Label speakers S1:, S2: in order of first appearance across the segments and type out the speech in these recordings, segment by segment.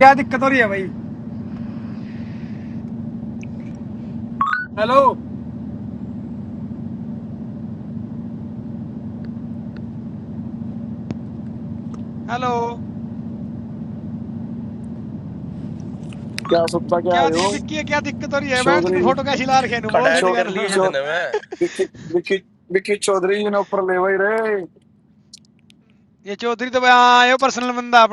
S1: Hello. Hello.
S2: क्या सुनता क्या आए
S1: What
S2: हो
S1: is this? What is the problem? Man, you are
S2: Chaudhary
S1: shouting at the photo. You are so
S2: चौ
S3: कड
S1: crazy.
S3: कर लिए है
S2: चौ
S3: तने मैं
S2: विकी विकी विकी चौधरी जी ने ऊपर ले वही रहे
S1: This Choudhary is a personal man. Take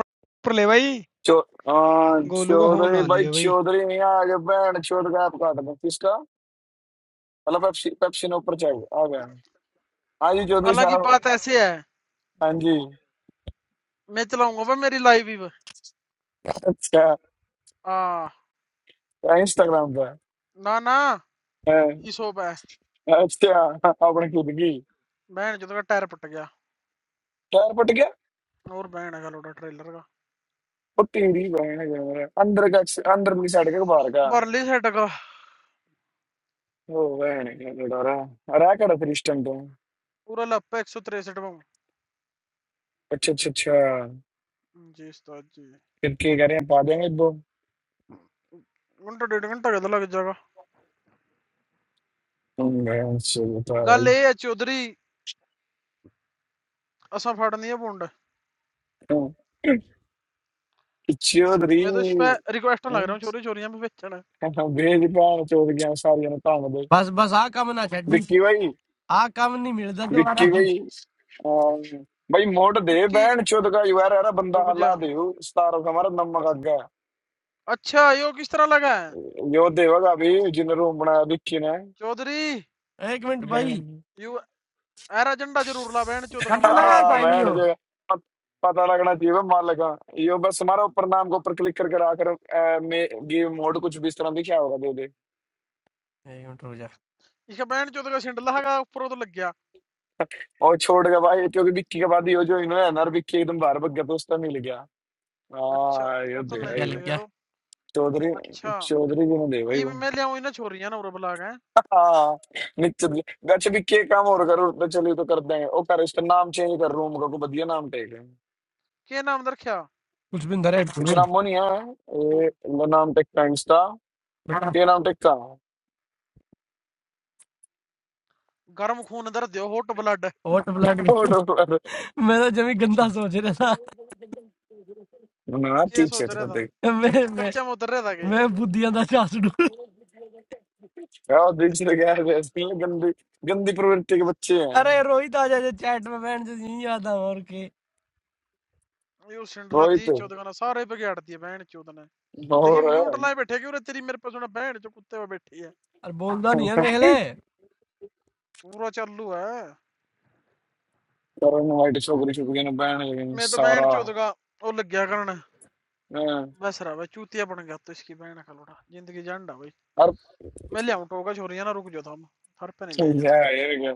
S1: it, man.
S2: चौ हाँ,
S1: Golu's phone is
S2: Chaudhary
S1: not
S2: भाई
S1: there, man.
S2: चौधरी नहीं आ गए बैंड चौधरी का आप काट दो किसका मतलब पेप्सी पेप्सी ने ऊपर चाहिए आ गया हाँ जी चौधरी
S4: हालांकि
S2: साहब
S4: बात ऐसे है
S2: हाँ जी
S4: मैं चलाऊंगा भाई मेरी लाइव ही
S2: अच्छा
S4: आ
S2: इंस्टाग्राम पर
S4: ना ना
S2: हाँ,
S4: ई सोप है
S2: अच्छा अपने खुद की
S4: बहन जो का टायर पट गया
S2: टायर पट गया
S4: और बहन है लोडा ट्रेलर का
S2: और टीढ़ी बहन है मेरा। अंदर का अंदर की साइड का बाहर का
S4: बरली सेट का
S2: ओ बहन है, क्या डरा रहा है कड़ा फिर इस टाइम तो
S4: पूरा लप एक सौ तिरसठ में
S2: अच्छा अच्छा अच्छा
S4: जी उस्ताद जी
S2: करके करें पा देंगे दो
S4: घंटा डेढ़ घंटा कहता लग जाएगा
S2: हम्म, मैं सोचता है भाई
S4: गल ये है चौधरी असा फाड़नी है बुंड
S2: हम्म, चौधरी
S4: मैं तो इस पे रिक्वेस्ट लग रहा
S2: हम्म,
S4: हूँ चोरी चोरियां भी बेचना
S2: हाँ, भेज पाओ चौधरी हम सारी ने काम दे
S3: बस बस आ कम ना छड़ी
S2: विक्की भाई
S3: आ कम नहीं मिलता दोबारा
S2: विक्की भाई अम, भाई मोट दे
S4: विक्की
S2: बैंड चौध का युवा रहा बंदा
S4: रुक जा
S2: हल्ला दे सतारो का हमारा नमक आगा
S4: अच्छा यो किस तरह लगा है
S2: यो देवगा अभी जिन रूम बनाया विक्की
S4: चौधरी
S3: एक मिनट भाई
S2: ने
S4: यू एर एजेंडा जरूर ला बहन चौधरी
S3: कर तो
S4: हमारी
S3: लाया
S4: फोटो
S2: हाँ
S4: मांग गए
S2: बैंड
S3: साइलियो
S2: जो है, पत- पता लगना चाहिए बे मार लगा यो बस हमारा ऊपर नाम के ऊपर क्लिक करके आकर अ, मे गेम मोड कुछ भी इस तरह दिखा होगा दे दे
S3: एक मिनट रुक जा
S4: इसका बहन चौधरी का सिंडला है ऊपर तो लग गया
S2: और छोड़ गया भाई क्योंकि विक्की के बाद यो जो इन्होंने नर विक्की एकदम बाहर भग गया तो उसका मिल गया
S4: अच्छा,
S2: हाँ
S4: वो
S2: यो
S4: तो
S2: दे
S3: लग
S4: नहीं
S3: गया
S2: भाई
S4: मिल
S3: लग
S2: वो।
S4: गए
S3: गया
S4: तो
S2: चौधरी
S4: अच्छा,
S2: चौधरी जी ने दे भाई
S4: ई
S2: वो
S4: मैं ले आऊँ इन्हें छोरियाँ ना उरे बुला के
S2: हाँ निश्चित जी। गच विक्की एक काम और करो तो चलिए तो कर देंगे ओ कर इसका नाम चेंज कर रूम का को बदिया नाम टेक है
S4: के नाम दर क्या
S3: कुछ भी अंदर है
S2: कुछ नाम
S3: तुम्हें
S2: वो नहीं है ए, लो नाम टेक का इंस्टा ये नाम टेक
S4: गर्म खून दर दियो हॉट ब्लड
S3: ओट ब्लड मैं
S2: का
S3: तो जमी गंदा सोच रहा
S2: No, I
S4: के
S2: teach
S4: सोच
S2: it,
S4: रहा
S2: but
S4: था
S2: they.
S3: था मैं मैं
S4: कच्चे में उतर रहा था के
S3: मैं बुद्धियां दा चास डू
S2: यार दिख रहा क्या है ऐसे ही गंदी गंदी प्रवृत्ति के बच्चे हैं
S3: अरे रोहित आ जा चैट में बैंड से नहीं आता और के
S4: यू सिंडला दी
S2: रोहित
S4: चोद का ना सारे पे गाड़ दिए बहन चोद ने देखिए
S2: और
S4: म्यूट लाए बैठे क्यों रे तेरी मेरे पे सुना बहन जो कुत्ते पे बैठी है
S3: और बोलता नहीं है देख ले
S4: पूरा चालू है
S2: करण वाइट छोकरी छोकरी ने बैन लेकिन
S4: मैं तो बहन
S2: सारा
S4: चोद का वो लग गया करने
S2: हैं,
S4: बस रहा भाई चूतिया बन गया तो इसकी बहन का लोटा जिंदगी झंडा भाई
S2: हर
S4: मैं ले आऊँ टोका छोरियां ना रुक जाओ था हम हर पे नहीं ले
S2: क्या
S4: जाते
S2: है ये क्या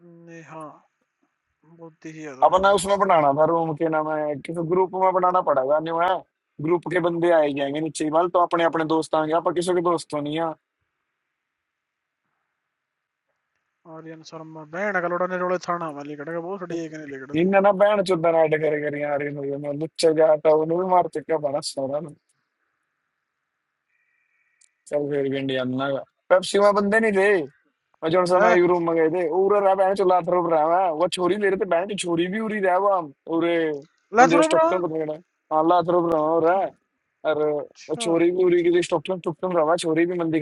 S4: नहीं हाँ बुद्धि ही है तो
S2: अपना उसमें बनाना था रूम के नाम है किसी ग्रुप में बनाना पड़ेगा नहीं है ग्रुप के बंदे आए जाएंगे नीचे ही, मतलब तो अपने अपने दोस्त आएंगे आप किसी के दोस्त तो नहीं है
S4: Alien Sarma. Bene, che allora ne rolezzano una lì, che ਬਹੁਤ ਛੜੀ ਇੱਕ ਨੇ ਲਿਖੜ ਦੀ
S2: इन्हें ना बैन चुदना ऐड करेगे नहीं आ रही ना जो मैं लुच्चे जाता हूँ नूरी मार चिका पाना सो रहा हूँ चल फिर भी इंडिया ना का पेप्सी में बंदे नहीं थे मैं जॉन्स में
S4: ਹੈ
S2: यूरोप में गए थे उधर रह बैन चला थरूप रह मैं वो छोरी ले रहे थे बैन तो छोरी भी उड़ी था वो हम उधर
S4: ਲੈ ਸੁਣੋ ਭਰਾ ਅੱਛਾ
S2: मंद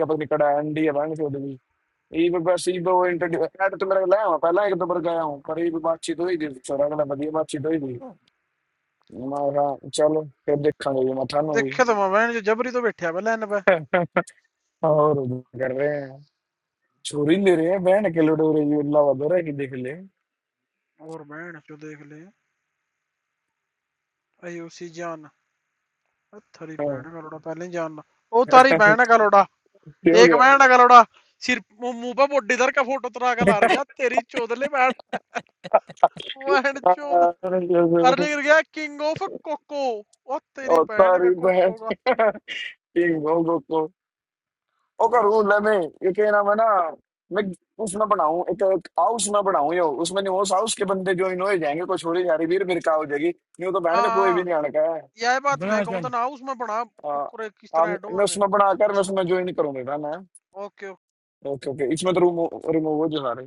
S4: ਦੇਖਿਆ ਤਾਂ ਮੈਂ ਬਹਿਣ ਚ ਜਬਰੀ ਤੋਂ ਬੈਠਿਆ ਪਹਿਲਾਂ ਇਹਨਾਂ ਪੈ
S2: और उधर कर रहे हैं चोरी ले रहे हैं बैंड अकेले उड़ रही है अल्लाह वादर है कि देख ले
S4: ਹੋਰ ਬਹਿਣ ਚੋ ਦੇਖ ਲੈ ਆਯੂਸੀ ਜਾਨ ਥਰੀ
S2: हाँ।
S4: ਬਹਿਣ ਗਲੋੜਾ ਪਹਿਲਾਂ ਹੀ ਜਾਨ ਉਹ ਤਾਰੀ ਬਹਿਣ ਗਲੋੜਾ
S2: ये हो
S4: ਇੱਕ
S2: गया
S4: ਬਹਿਣ ਗਲੋੜਾ ਸਿਰ ਮੂੰਹ ਮੂੰਹ ਪਾ ਮੋਢੇ ਦਰ ਕਾ ਫੋਟੋ ਤਰਾ ਕੇ ਲਾਰ ਗਿਆ ਤੇਰੀ ਚੋਦਲੇ ਬਹਿਣ ਬਹਿਣ ਚੋਦ ਅਰਲੀ ਕਰ ਗਿਆ ਕਿੰਗ ਆਫ ਕੋਕੋ ਉਹ ਤੇਰੀ
S2: और
S4: ਬਹਿਣ ਦਾ
S2: तारी बहन
S4: ਕੋਕੋ ਦਾ
S2: एक भोगो को तो। ओ
S4: ਬੁਆ
S2: करूं ले
S4: ਸੁਣਨ ਆ
S2: मैं ये क्या नाम है ना मैं उसमें बनाऊं एक, एक हाउस में बनाऊं यो उसमें नहीं उस हाउस के बंदे जो इन्हों जाएंगे कोई छोड़ी जा रही वीर मेरे का हो जाएगी नहीं तो बहन का कोई
S4: ਆ
S2: भी नहीं आने का है
S4: ਯਾਬਾ ਤਮਇ
S3: बड़ा
S4: ਕਾਂ
S3: चैन
S4: ਤਾਨ ਆ ਮਾ ਬਾਂ ਕਰ
S2: हाँ
S4: ਕੋਰੈ ਕੱਰਿ ਕੋਰਿ ਕੋਰ
S2: हाँ,
S4: ਕੋਰਾ ਆ ਡੋਂ
S2: मैं
S4: ਆਂ ਗਾ
S2: उसमें बनाकर मैं उसमें ज्वाइन करूंगा ना मैं
S4: ਓ ਕੋਕੇ ਓ
S2: ओके ओके इसमें तो रूम रिमूव हो जो सारे